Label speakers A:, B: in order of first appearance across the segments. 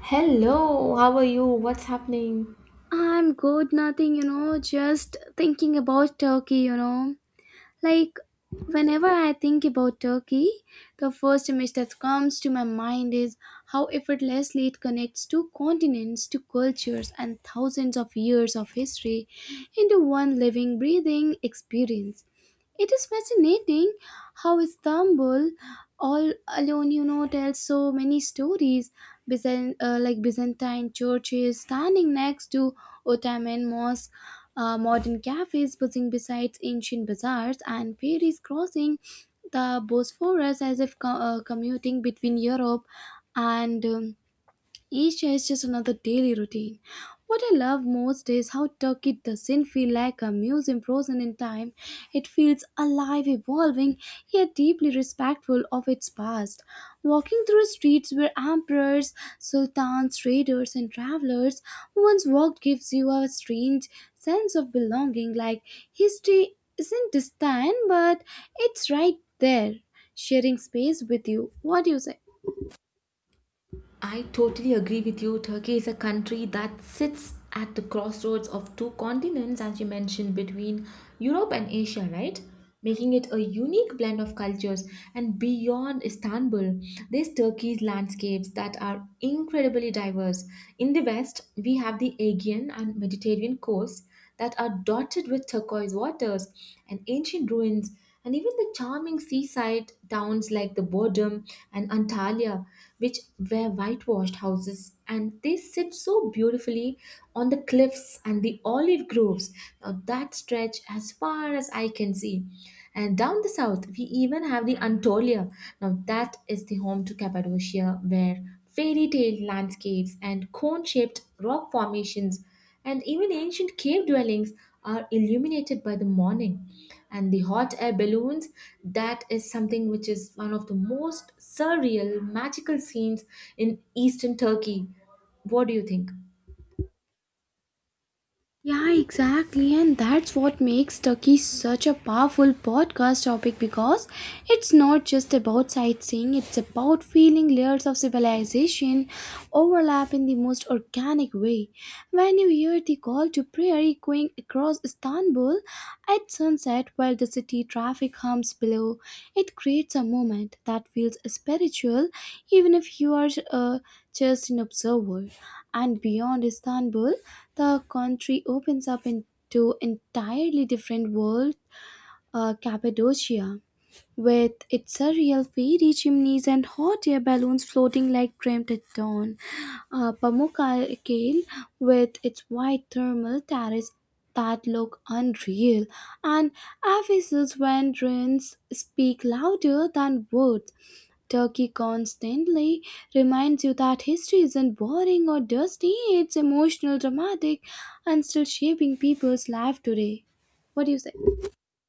A: Hello, how are you? What's happening?
B: I'm good, nothing, just thinking about Turkey. Like, whenever I think about Turkey, the first image that comes to my mind is how effortlessly it connects two continents, two cultures, and thousands of years of history into one living, breathing experience. It is fascinating how Istanbul, all alone, tells so many stories, like Byzantine churches standing next to Ottoman mosques, modern cafes buzzing beside ancient bazaars, and ferries crossing the Bosphorus as if commuting between Europe and each day is just another daily routine. What I love most is how Turkey doesn't feel like a museum frozen in time. It feels alive, evolving, yet deeply respectful of its past. Walking through streets where emperors, sultans, traders, and travelers once walked gives you a strange sense of belonging, like history isn't distant, but it's right there, sharing space with you. What do you say?
A: I totally agree with you. Turkey is a country that sits at the crossroads of two continents, as you mentioned, between Europe and Asia, right? Making it a unique blend of cultures. And beyond Istanbul, there's Turkey's landscapes that are incredibly diverse. In the west, we have the Aegean and Mediterranean coasts that are dotted with turquoise waters and ancient ruins, and even the charming seaside towns like the Bodrum and Antalya which were whitewashed houses and they sit so beautifully on the cliffs and the olive groves. Now that stretch as far as I can see. And down the south, we even have the Anatolia. Now that is the home to Cappadocia, where fairy tale landscapes and cone shaped rock formations and even ancient cave dwellings are illuminated by the morning. And the hot air balloons, that is something which is one of the most surreal, magical scenes in eastern Turkey. What do you think?
B: Yeah, exactly. And that's what makes Turkey such a powerful podcast topic because it's not just about sightseeing, it's about feeling layers of civilization overlap in the most organic way. When you hear the call to prayer echoing across Istanbul at sunset while the city traffic hums below, it creates a moment that feels spiritual even if you are. Just an observer. And beyond Istanbul, the country opens up into entirely different world, Cappadocia, with its surreal fairy chimneys and hot air balloons floating like dreamt at dawn. Pamukkale, with its white thermal terrace that look unreal, and Ephesus when winds speak louder than words. Turkey constantly reminds you that history isn't boring or dusty, it's emotional, dramatic, and still shaping people's life today. What do you say?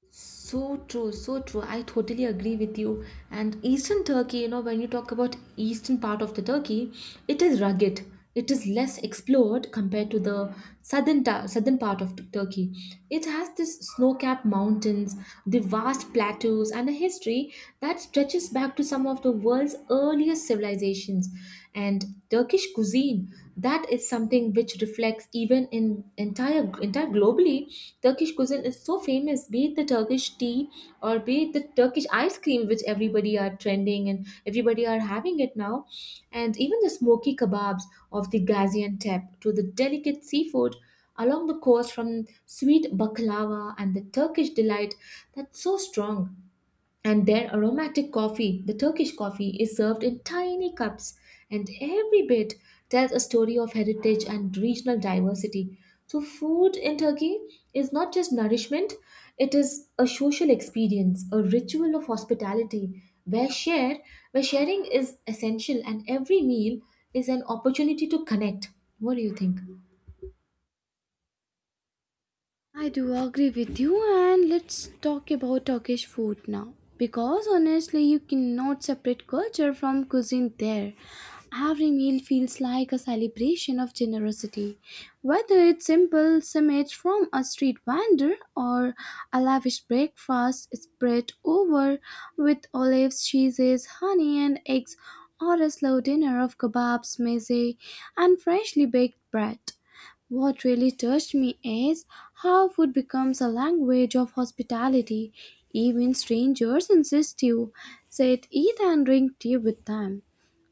A: So true, so true. I totally agree with you. And Eastern Turkey, you know, when you talk about eastern part of the Turkey, it is rugged. It is less explored compared to the southern part of Turkey. It has this snow-capped mountains, the vast plateaus, and a history that stretches back to some of the world's earliest civilizations and Turkish cuisine that is something which reflects even in entire globally. Turkish cuisine is so famous, be it the Turkish tea or be it the Turkish ice cream which everybody are trending and everybody are having it now, and even the smoky kebabs of the Gaziantep to the delicate seafood along the coast, from sweet baklava and the Turkish delight that's so strong, and their aromatic coffee, the Turkish coffee, is served in tiny cups, and every bit tells a story of heritage and regional diversity. So, food in Turkey is not just nourishment, it is a social experience, a ritual of hospitality where share where sharing is essential and every meal is an opportunity to connect. What do you think?
B: I do agree with you, and let's talk about Turkish food now. Because honestly, you cannot separate culture from cuisine there. Every meal feels like a celebration of generosity. Whether it's simple samit from a street vendor or a lavish breakfast spread over with olives, cheeses, honey, and eggs, or a slow dinner of kebabs, meze, and freshly baked bread. What really touched me is how food becomes a language of hospitality. Even strangers insist you sit, eat, and drink tea with them.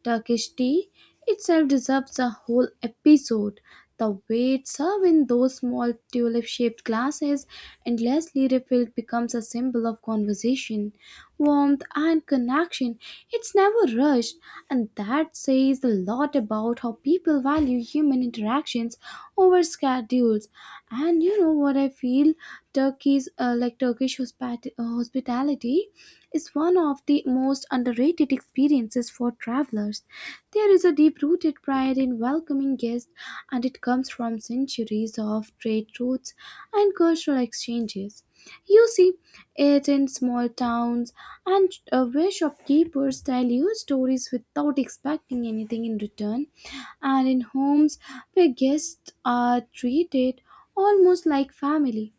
B: Turkish tea itself deserves a whole episode. The way it's served in those small tulip shaped glasses, endlessly refilled, becomes a symbol of conversation, warmth, and connection. It's never rushed, and that says a lot about how people value human interactions over schedules. And you know what I feel? Turkey's like hospitality is one of the most underrated experiences for travelers. There is a deep rooted pride in welcoming guests, and it comes from centuries of trade routes and cultural exchanges. You see it in small towns and where shopkeepers tell you stories without expecting anything in return, and in homes where guests are treated almost like family.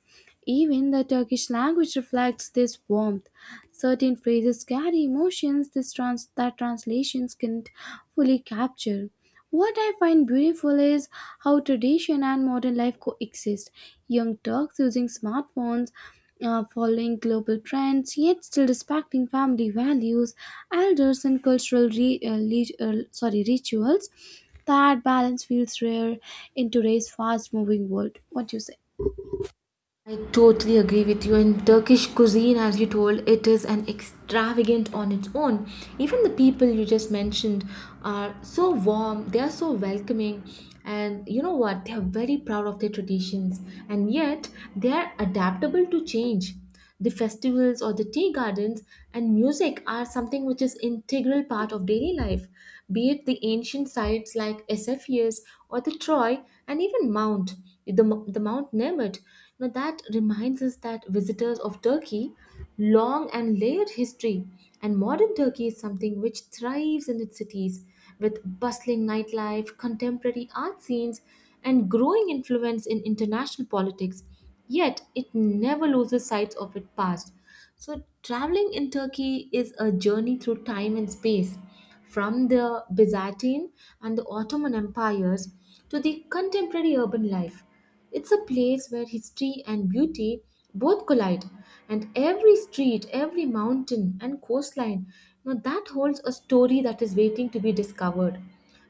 B: Even the Turkish language reflects this warmth. Certain phrases carry emotions that translations can't fully capture. What I find beautiful is how tradition and modern life coexist. Young Turks using smartphones, following global trends, yet still respecting family values, elders, and cultural re- le- sorry rituals. That balance feels rare in today's fast-moving world. What do you say?
A: I totally agree with you. And Turkish cuisine, as you told, it is an extravagant on its own. Even the people you just mentioned are so warm, they are so welcoming, and you know what? They are very proud of their traditions, and yet they are adaptable to change. The festivals or the tea gardens and music are something which is integral part of daily life, be it the ancient sites like Esophagus or the Troy and even Mount, the, the Mount Nemet. Now that reminds us that visitors of Turkey long and layered history, and modern Turkey is something which thrives in its cities with bustling nightlife, contemporary art scenes, and growing influence in international politics, yet it never loses sight of its past. So, traveling in Turkey is a journey through time and space, from the Byzantine and the Ottoman empires to the contemporary urban life. It's a place where history and beauty both collide, and every street, every mountain, and coastline, you know, that holds a story that is waiting to be discovered.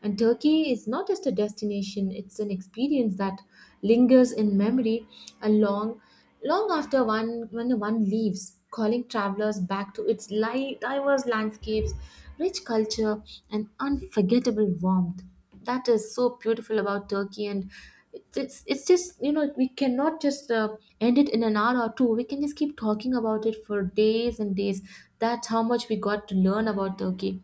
A: And Turkey is not just a destination, it's an experience that lingers in memory and long, long after one when one leaves, calling travelers back to its diverse landscapes, rich culture, and unforgettable warmth. That is so beautiful about Turkey, and it's just, you know, we cannot just end it in an hour or two. We can just keep talking about it for days and days. That's how much we got to learn about Turkey.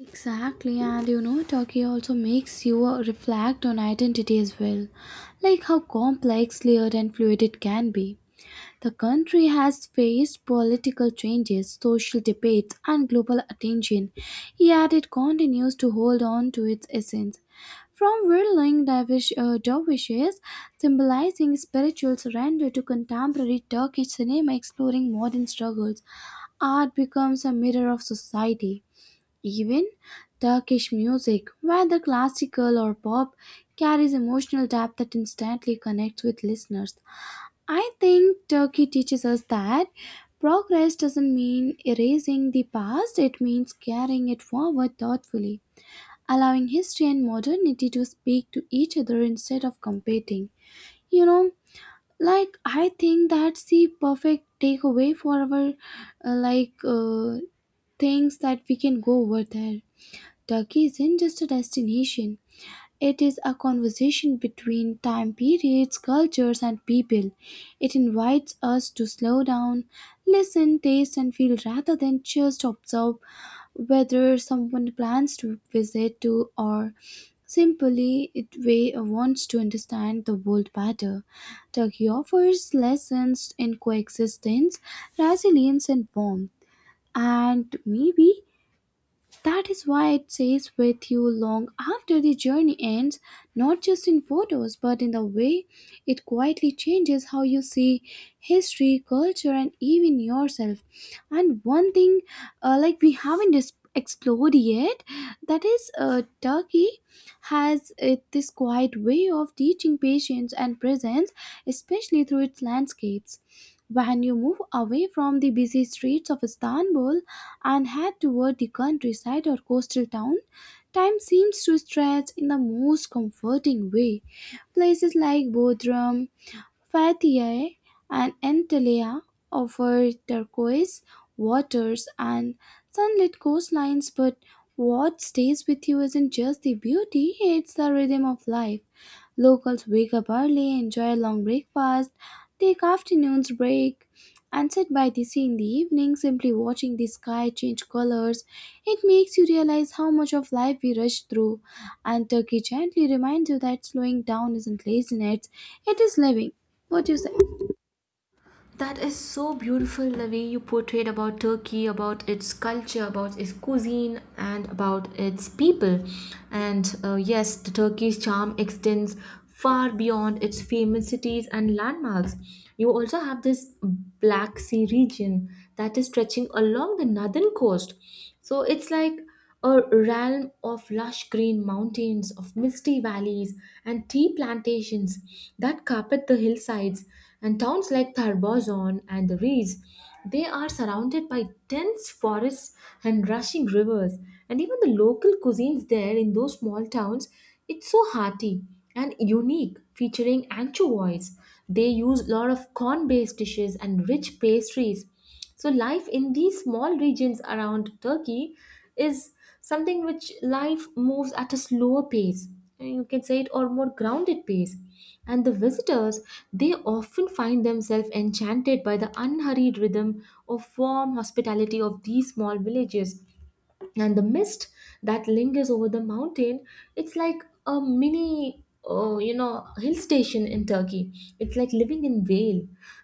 B: Exactly, and you know, Turkey also makes you reflect on identity as well, like how complex, layered, and fluid it can be. The country has faced political changes, social debates, and global attention, yet it continues to hold on to its essence. From dervishes, symbolizing spiritual surrender, to contemporary Turkish cinema exploring modern struggles, art becomes a mirror of society. Even Turkish music, whether classical or pop, carries emotional depth that instantly connects with listeners. I think Turkey teaches us that progress doesn't mean erasing the past, it means carrying it forward thoughtfully, allowing history and modernity to speak to each other instead of competing. You know, like I think that's the perfect takeaway for our uh, like uh, things that we can go over there. Turkey isn't just a destination, it is a conversation between time periods, cultures, and people. It invites us to slow down, listen, taste, and feel rather than just observe whether someone plans to visit to or simply it way wants to understand the world better. Turkey offers lessons in coexistence, resilience, and warmth. And maybe that is why it stays with you long after the journey ends, not just in photos, but in the way it quietly changes how you see history, culture, and even yourself. And one thing, like we haven't explored yet, that is, Turkey has it, this quiet way of teaching patience and presence, especially through its landscapes. When you move away from the busy streets of Istanbul and head toward the countryside or coastal town, time seems to stretch in the most comforting way. Places like Bodrum, Fethiye, and Antalya offer turquoise waters and sunlit coastlines, but what stays with you isn't just the beauty, it's the rhythm of life. Locals wake up early, enjoy a long breakfast, take afternoon's break, and sit by the sea in the evening, simply watching the sky change colors. It makes you realize how much of life we rush through, and Turkey gently reminds you that slowing down isn't laziness, it is living. What do you say?
A: That is so beautiful the way you portrayed about Turkey, about its culture, about its cuisine, and about its people. And yes, the Turkey's charm extends far beyond its famous cities and landmarks. You also have this Black Sea region that is stretching along the northern coast. So it's like a realm of lush green mountains, of misty valleys, and tea plantations that carpet the hillsides, and towns like Tarbozon and the Rees. They are surrounded by dense forests and rushing rivers, and even the local cuisines there in those small towns, it's so hearty and unique, featuring anchovies. They use a lot of corn-based dishes and rich pastries. So, life in these small regions around Turkey is something which life moves at a slower pace. You can say it or more grounded pace. And the visitors, they often find themselves enchanted by the unhurried rhythm of warm hospitality of these small villages and the mist that lingers over the mountain. It's like a mini, you know, hill station in Turkey. It's like living in Vale.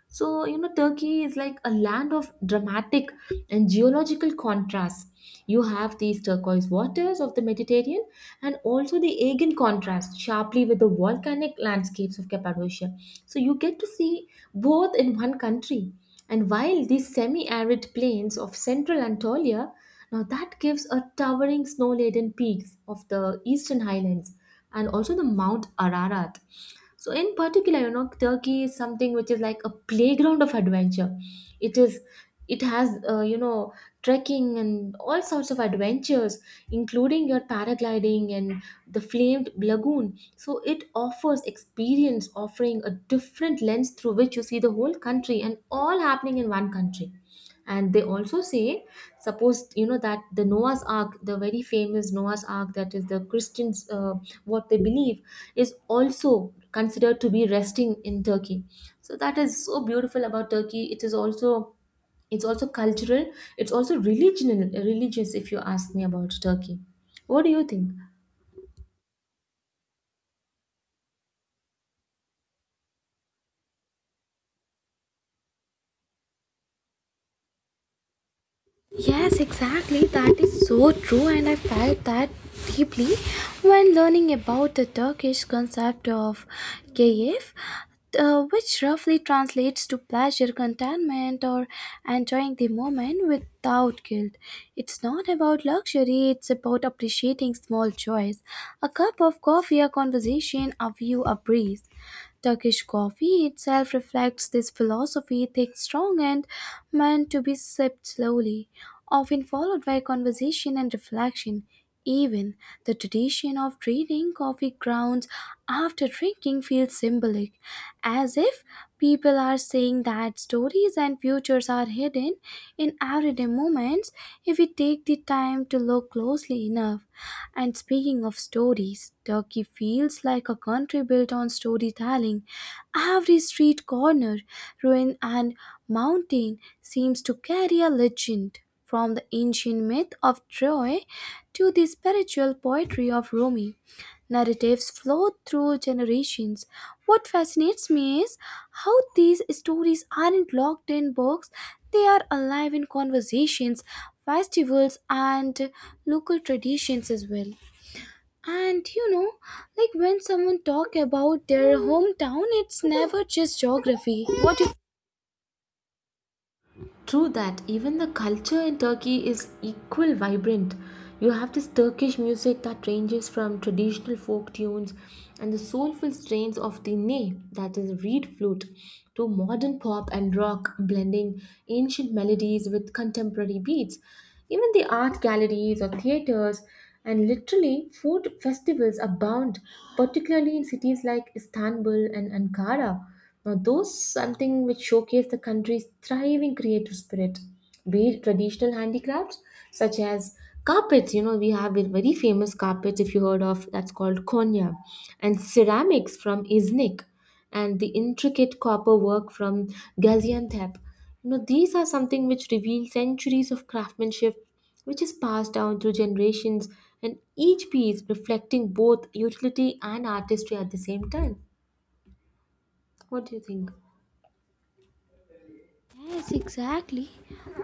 A: So, you know, Turkey is like a land of dramatic and geological contrasts. You have these turquoise waters of the Mediterranean and also the Aegean contrast sharply with the volcanic landscapes of Cappadocia. So you get to see both in one country, and while these semi arid plains of central Anatolia, now that gives a towering snow-laden peaks of the eastern highlands and also the Mount Ararat. So in particular, you know, Turkey is something which is like a playground of adventure. It is, it has, you know, trekking and all sorts of adventures, including your paragliding and the flamed lagoon. So it offers experience, offering a different lens through which you see the whole country and all happening in one country. And they also say, suppose you know that the Noah's Ark, the very famous Noah's Ark, that is the Christians, what they believe is also considered to be resting in Turkey. So that is so beautiful about Turkey. It is also, it's also cultural. It's also religion religious if you ask me about Turkey. What do you think?
B: Yes, exactly. That is so true, and I felt that deeply when learning about the Turkish concept of keyif, which roughly translates to pleasure, contentment, or enjoying the moment without guilt. It's not about luxury, it's about appreciating small joys a cup of coffee, a conversation, a view, a breeze. Turkish coffee itself reflects this philosophy, thick, strong, and meant to be sipped slowly, often followed by conversation and reflection. Even the tradition of trading coffee grounds after drinking feels symbolic, as if people are saying that stories and futures are hidden in everyday moments if we take the time to look closely enough. And speaking of stories, Turkey feels like a country built on storytelling. Every street corner, ruin, and mountain seems to carry a legend. From the ancient myth of Troy to the spiritual poetry of Rumi, narratives flow through generations. What fascinates me is how these stories aren't locked in books, they are alive in conversations, festivals, and local traditions as well. And you know, like when someone talk about their hometown, it's never just geography. What do
A: True that, even the culture in Turkey is equal vibrant. You have this Turkish music that ranges from traditional folk tunes and the soulful strains of the ney, that is reed flute, to modern pop and rock, blending ancient melodies with contemporary beats. Even the art galleries or theaters and literally food festivals abound, particularly in cities like Istanbul and Ankara. Now, those something which showcase the country's thriving creative spirit, be it traditional handicrafts such as carpets. You know, we have a very famous carpets if you heard of that's called Konya, and ceramics from Iznik, and the intricate copper work from Gaziantep. You know, these are something which reveal centuries of craftsmanship which is passed down through generations, and each piece reflecting both utility and artistry at the same time. What do you think?
B: Yes, exactly.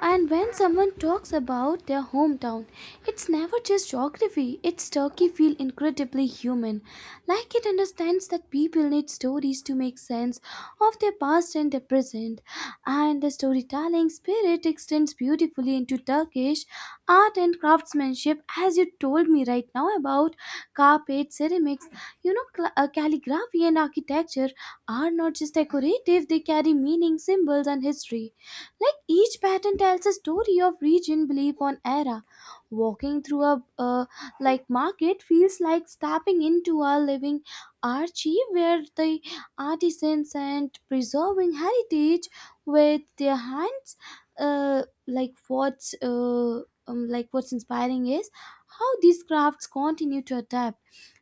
B: And when someone talks about their hometown, it's never just geography. It's Turkey feel incredibly human. Like it understands that people need stories to make sense of their past and their present. And the storytelling spirit extends beautifully into Turkish art and craftsmanship as you told me right now about carpet, ceramics, you know, calligraphy and architecture are not just decorative, they carry meaning, symbols, and history. Like each pattern tells a story of region, belief, or era. Walking through a like market feels like stepping into a living archive where the artisans and preserving heritage with their hands. Uh, like what's uh, like what's inspiring is how these crafts continue to adapt.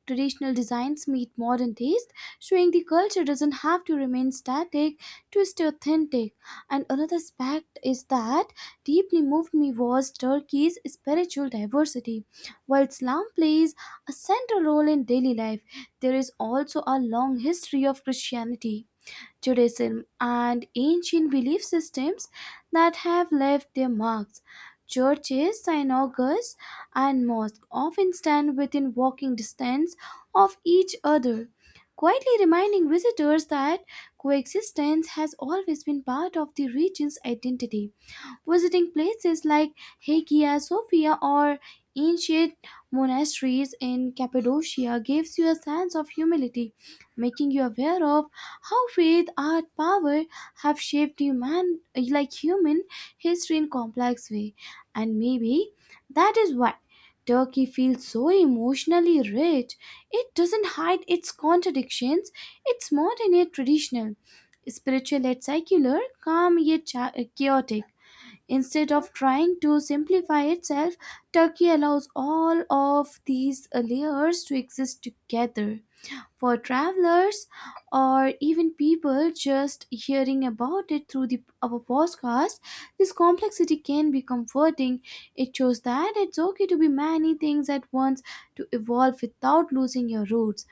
B: Traditional designs meet modern taste showing the culture doesn't have to remain static to stay authentic. And another aspect is that deeply moved me was Turkey's spiritual diversity. While Islam plays a central role in daily life, there is also a long history of Christianity Judaism, and ancient belief systems that have left their marks. Churches, synagogues, and mosques often stand within walking distance of each other, quietly reminding visitors that coexistence has always been part of the region's identity. Visiting places like Hagia Sophia or ancient monasteries in Cappadocia gives you a sense of humility making you aware of how faith, art, power have shaped human history in complex way. And maybe that is why Turkey feels so emotionally rich. It doesn't hide its contradictions. It's modern yet traditional, spiritual yet secular, chaotic. Instead of trying to simplify itself, Turkey allows all of these layers to exist together for travelers or even people just hearing about it through our podcast, this complexity can be comforting. It shows that it's okay to be many things at once to evolve without losing your roots.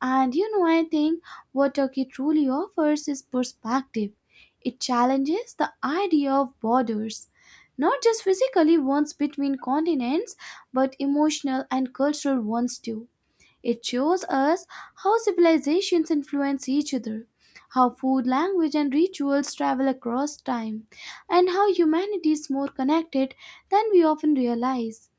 B: And you know, I think what Turkey truly offers is perspective. It challenges the idea of borders, not just physically ones between continents, but emotional and cultural ones too. It shows us how civilizations influence each other, how food, language, and rituals travel across time, and how humanity is more connected than we often realize.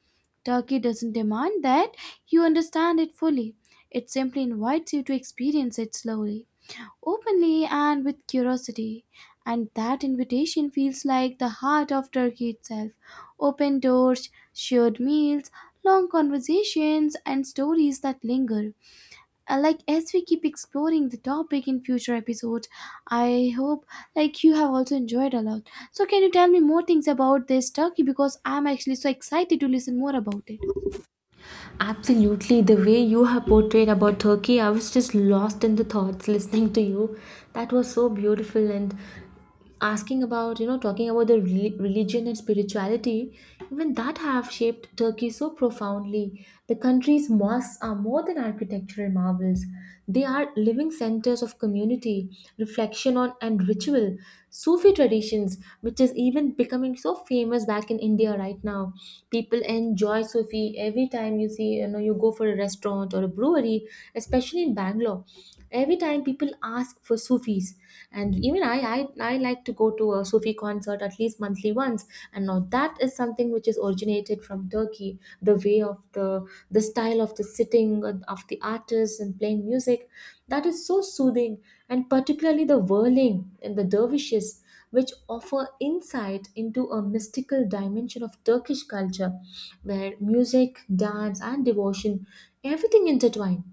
B: Turkey doesn't demand that you understand it fully, it simply invites you to experience it slowly, openly, and with curiosity. And that invitation feels like the heart of Turkey itself open doors, shared meals, long conversations, and stories that linger. As we keep exploring the topic in future episodes, I hope you have also enjoyed a lot, so can you tell me more things about this Turkey, because I'm actually so excited to listen more about it.
A: Absolutely, the way you have portrayed about Turkey, I was just lost in the thoughts listening to you. That was so beautiful. And asking about, you know, talking about the religion and spirituality, even that have shaped Turkey so profoundly. The country's mosques are more than architectural marvels. They are living centers of community, reflection on and ritual, Sufi traditions, which is even becoming so famous back in India right now. People enjoy Sophie every time you see, you know, you go for a restaurant or a brewery, especially in Bangalore. Every time people ask for Sufis, and even I like to go to a Sufi concert at least monthly once. And now that is something which is originated from Turkey, the way of the style of the sitting and of the artists and playing music, that is so soothing, and particularly the whirling and the dervishes which offer insight into a mystical dimension of Turkish culture where music, dance, and devotion everything intertwine.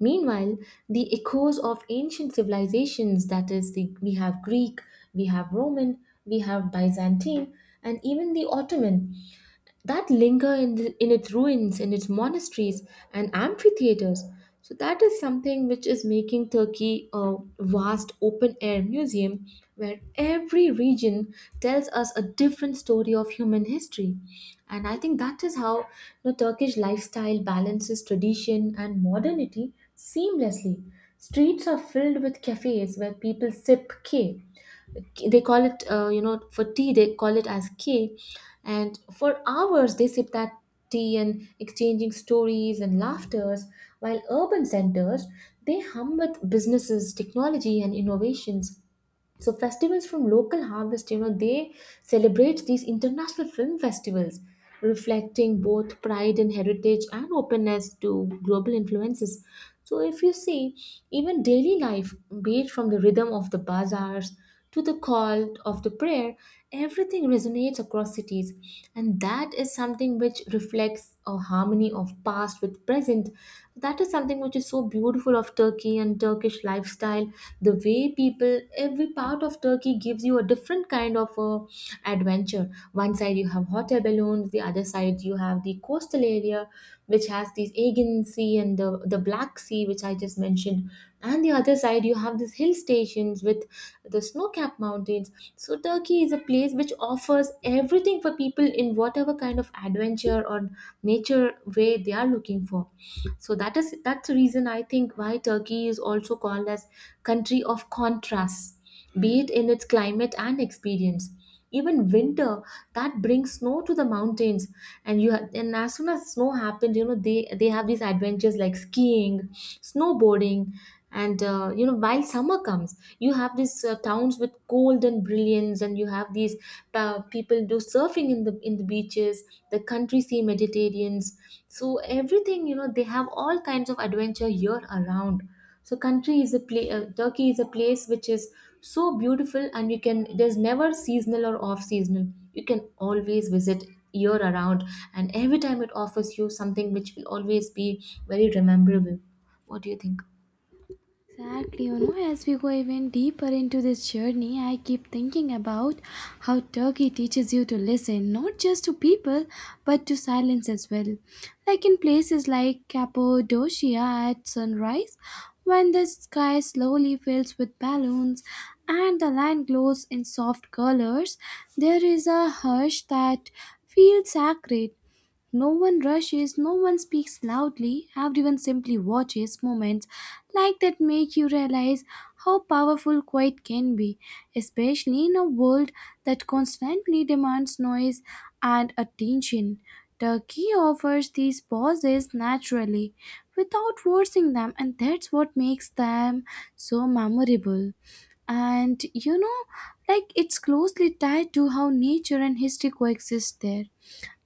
A: Meanwhile, the echoes of ancient civilizations, that is, the, we have Greek, we have Roman, we have Byzantine, and even the Ottoman that linger in, the, in its ruins, in its monasteries and amphitheaters. So, that is something which is making Turkey a vast open air museum where every region tells us a different story of human history. And I think that is how the Turkish lifestyle balances tradition and modernity seamlessly. Streets are filled with cafes where people sip keh, they call it for tea they call it as key, and for hours they sip that tea and exchanging stories and laughters while urban centers, they hum with businesses, technology and innovations. So festivals from local harvest, they celebrate these international film festivals, reflecting both pride and heritage and openness to global influences. So if you see, even daily life, be it from the rhythm of the bazaars to the call of the prayer, everything resonates across cities, and that is something which reflects a harmony of past with present. That is something which is so beautiful of Turkey and Turkish lifestyle. The way people, every part of Turkey gives you a different kind of adventure. One side you have hotel balloons, the other side you have the coastal area which has this Aegean Sea and the Black Sea, which I just mentioned, and the other side you have these hill stations with the snow-capped mountains. So Turkey is a place which offers everything for people in whatever kind of adventure or nature way they are looking for. So that's the reason I think why Turkey is also called as country of contrasts, be it in its climate and experience. Even winter that brings snow to the mountains, and and as soon as snow happens, you know they have these adventures like skiing, snowboarding, and you know, while summer comes, you have these towns with gold and brilliance, and you have these people do surfing in the beaches. The country see Mediterraneans, so everything, you know, they have all kinds of adventure year around. So country is a place, Turkey is a place which is so beautiful, and you can, there's never seasonal or off seasonal, you can always visit year around, and every time it offers you something which will always be very rememberable. What do you think?
B: Exactly, you know, as we go even deeper into this journey, I keep thinking about how Turkey teaches you to listen, not just to people, but to silence as well. Like in places like Cappadocia at sunrise, when the sky slowly fills with balloons and the land glows in soft colors, there is a hush that feels sacred. No one rushes, no one speaks loudly, everyone simply watches moments like that make you realize how powerful quiet can be, especially in a world that constantly demands noise and attention. Turkey offers these pauses naturally without forcing them, and that's what makes them so memorable. And you know, like it's closely tied to how nature and history coexist there.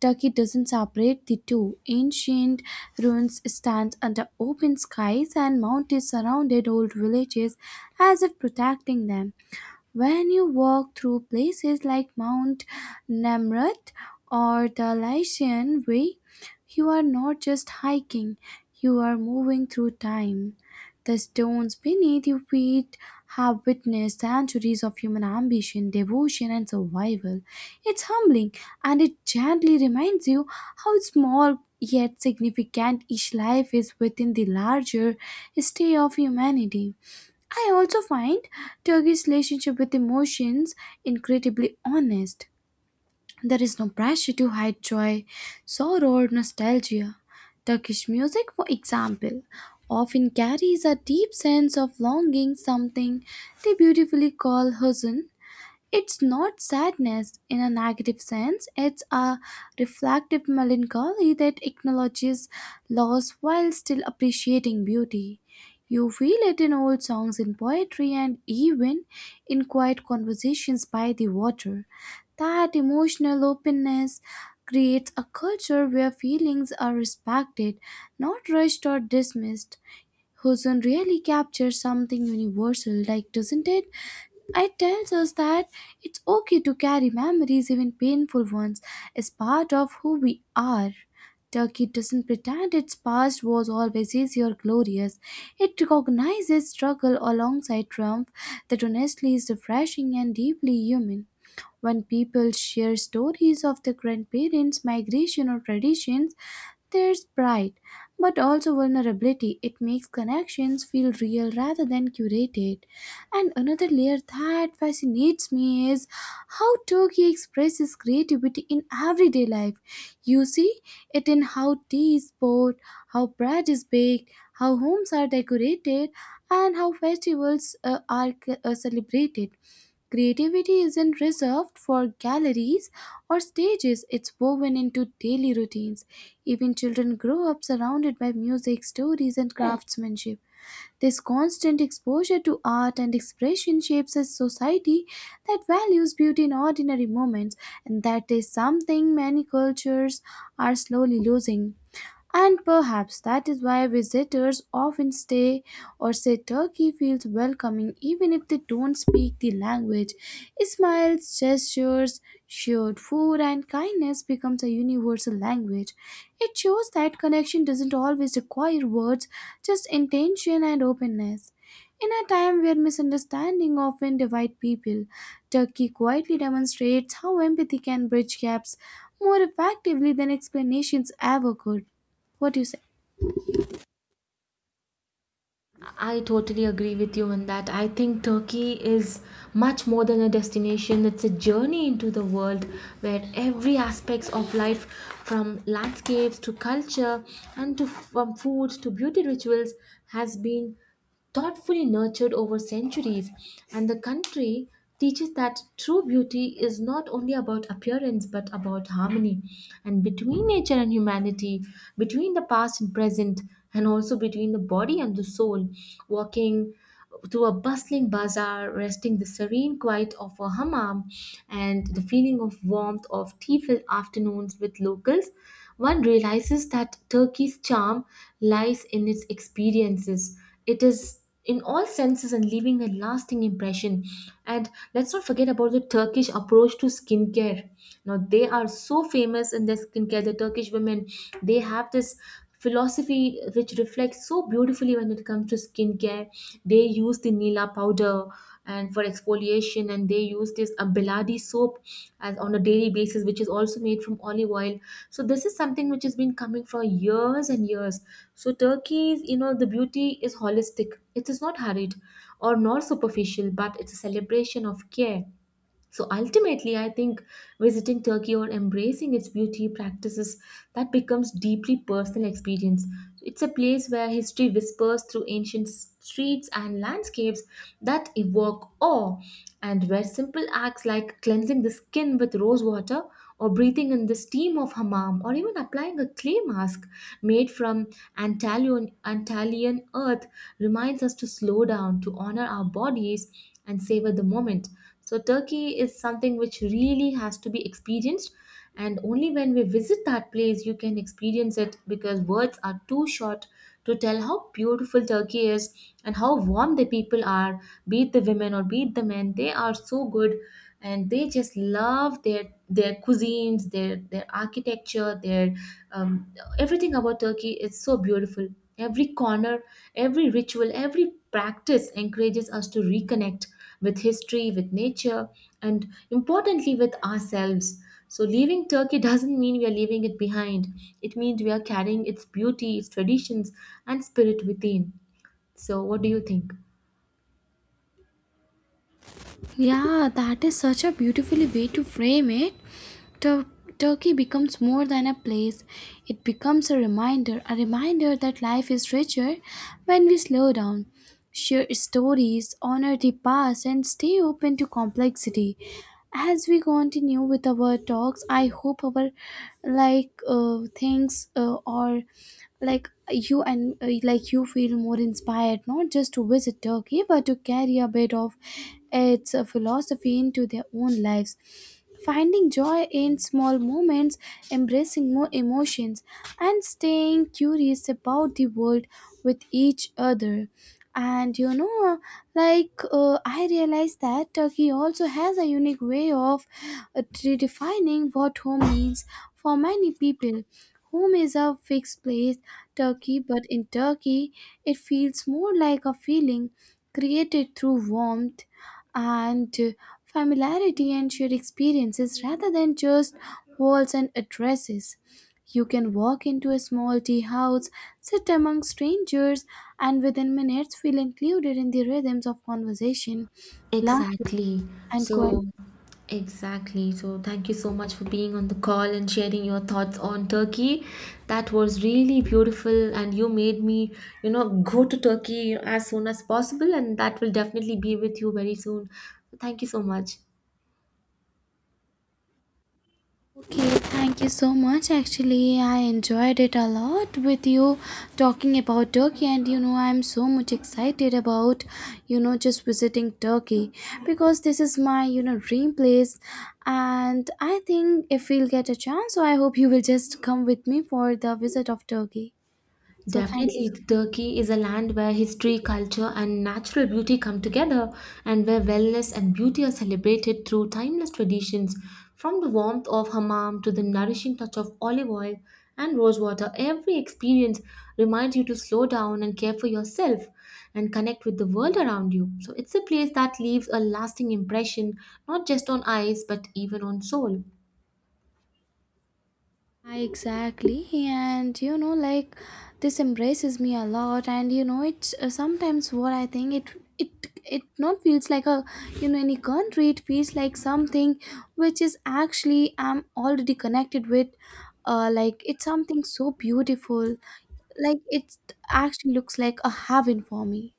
B: Turkey doesn't separate the two. Ancient ruins stand under open skies, and mountains surrounded old villages as if protecting them. When you walk through places like Mount Namrat or the Lycian Way, you are not just hiking, you are moving through time. The stones beneath your feet have witnessed centuries of human ambition, devotion, and survival. It's humbling, and it gently reminds you how small yet significant each life is within the larger stay of humanity. I also find Turkey's relationship with emotions incredibly honest. There is no pressure to hide joy, sorrow, or nostalgia. Turkish music, for example, often carries a deep sense of longing, something they beautifully call huzn. It's not sadness in a negative sense, it's a reflective melancholy that acknowledges loss while still appreciating beauty. You feel it in old songs, in poetry, and even in quiet conversations by the water. That emotional openness creates a culture where feelings are respected, not rushed or dismissed. Huzun really captures something universal, like doesn't it? It tells us that it's okay to carry memories, even painful ones, as part of who we are. Turkey doesn't pretend its past was always easy or glorious. It recognizes struggle alongside triumph that honestly is refreshing and deeply human. When people share stories of their grandparents, migration, or traditions, there's pride, but also vulnerability. It makes connections feel real rather than curated. And another layer that fascinates me is how Turkey expresses creativity in everyday life. You see it in how tea is poured, how bread is baked, how homes are decorated, and how festivals are celebrated. Creativity isn't reserved for galleries or stages, it's woven into daily routines. Even children grow up surrounded by music, stories, and craftsmanship. This constant exposure to art and expression shapes a society that values beauty in ordinary moments, and that is something many cultures are slowly losing. And perhaps that is why visitors often stay or say Turkey feels welcoming even if they don't speak the language. Smiles, gestures, shared food and kindness becomes a universal language. It shows that connection doesn't always require words, just intention and openness. In a time where misunderstanding often divide people, Turkey quietly demonstrates how empathy can bridge gaps more effectively than explanations ever could. What do you say?
A: I totally agree with you on that. I think Turkey is much more than a destination. It's a journey into the world where every aspects of life, from landscapes to culture and to from food to beauty rituals, has been thoughtfully nurtured over centuries. And the country teaches that true beauty is not only about appearance but about harmony and between nature and humanity, between the past and present, and also between the body and the soul. Walking through a bustling bazaar, resting the serene quiet of a hammam, and the feeling of warmth of tea-filled afternoons with locals, one realizes that Turkey's charm lies in its experiences, it is in all senses and leaving a lasting impression. And let's not forget about the Turkish approach to skincare. Now they are so famous in their skincare, the Turkish women, they have this philosophy which reflects so beautifully when it comes to skincare, where they use the Nila powder and for exfoliation, and they use this Abeladi soap as on a daily basis, which is also made from olive oil. So this is something which has been coming for years and years. So Turkey's, you know, the beauty is holistic. It is not hurried or nor superficial, but it's a celebration of care. So ultimately, I think visiting Turkey or embracing its beauty practices, that becomes deeply personal experience. It's a place where history whispers through ancient streets and landscapes that evoke awe, and where simple acts like cleansing the skin with rose water or breathing in the steam of hammam or even applying a clay mask made from Antalian earth reminds us to slow down, to honor our bodies and savor the moment. So Turkey is something which really has to be experienced, and only when we visit that place you can experience it, because words are too short to tell how beautiful Turkey is and how warm the people are, be it the women or be it the men, they are so good, and they just love their cuisines, their architecture, their um, everything about Turkey is so beautiful. Every corner, every ritual, every practice encourages us to reconnect with history, with nature, and importantly, with ourselves. So, leaving Turkey doesn't mean we are leaving it behind. It means we are carrying its beauty, its traditions, and spirit within. So, what do you think?
B: Yeah, that is such a beautifully way to frame it. Tur- Turkey becomes more than a place, it becomes a reminder that life is richer when we slow down, share stories, honor the past, and stay open to complexity. As we continue with our talks, I hope our like things or like you and like you feel more inspired not just to visit Turkey but to carry a bit of its philosophy into their own lives. Finding joy in small moments, embracing more emotions, and staying curious about the world with each other. And you know, I realized that Turkey also has a unique way of redefining what home means for many people. Home is a fixed place, Turkey, but in Turkey, it feels more like a feeling created through warmth and familiarity and shared experiences rather than just walls and addresses. You can walk into a small tea house, sit among strangers, and within minutes feel included in the rhythms of conversation, laughter,
A: Exactly.
B: and quiet.
A: So, exactly. So, thank you so much for being on the call and sharing your thoughts on Turkey. That was really beautiful, and you made me, you know, go to Turkey as soon as possible, and that will definitely be with you very soon. Thank you so much.
B: Okay, thank you so much. Actually, I enjoyed it a lot with you talking about Turkey, and you know, I'm so much excited about just visiting Turkey because this is my dream place. And I think if we'll get a chance, so I hope you will just come with me for the visit of Turkey. So, thank you
A: Definitely,
B: so much.
A: Turkey is a land where history, culture, and natural beauty come together, and where wellness and beauty are celebrated through timeless traditions. From the warmth of hammam to the nourishing touch of olive oil and rose water, every experience reminds you to slow down and care for yourself and connect with the world around you. So, it's a place that leaves a lasting impression, not just on eyes, but even on soul.
B: I- Exactly, and you know, like this embraces me a lot, and you know, it's sometimes what I think it it not feels like a any country. It feels like something which is actually I'm already connected with. It's something so beautiful. Like it actually looks like a heaven for me.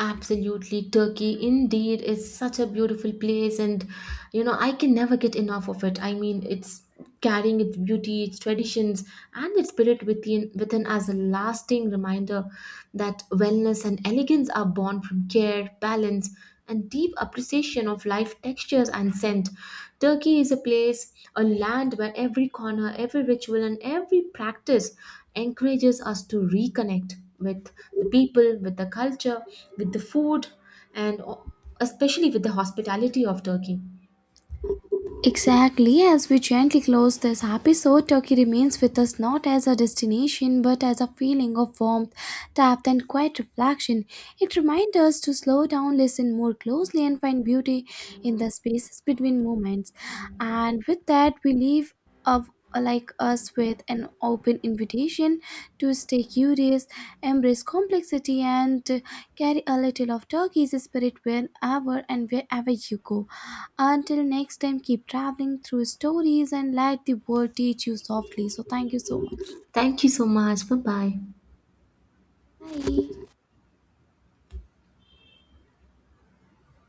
A: Absolutely, Turkey indeed is such a beautiful place, and you know, I can never get enough of it. I mean, it's carrying its beauty, its traditions, and its spirit within, within as a lasting reminder that wellness and elegance are born from care, balance, and deep appreciation of life textures and scent. Turkey is a place, a land where every corner, every ritual, and every practice encourages us to reconnect with the people, with the culture, with the food, and especially with the hospitality of Turkey.
B: Exactly, as we gently close this episode, Turkey remains with us not as a destination but as a feeling of warmth, depth, and quiet reflection. It reminds us to slow down, listen more closely, and find beauty in the spaces between moments. And with that, we leave of like us with an open invitation to stay curious, embrace complexity, and carry a little of Turkey's spirit wherever and wherever you go. Until next time, keep traveling through stories and let the world teach you softly. So, thank you so much.
A: Thank you so much. Bye bye.
B: Bye.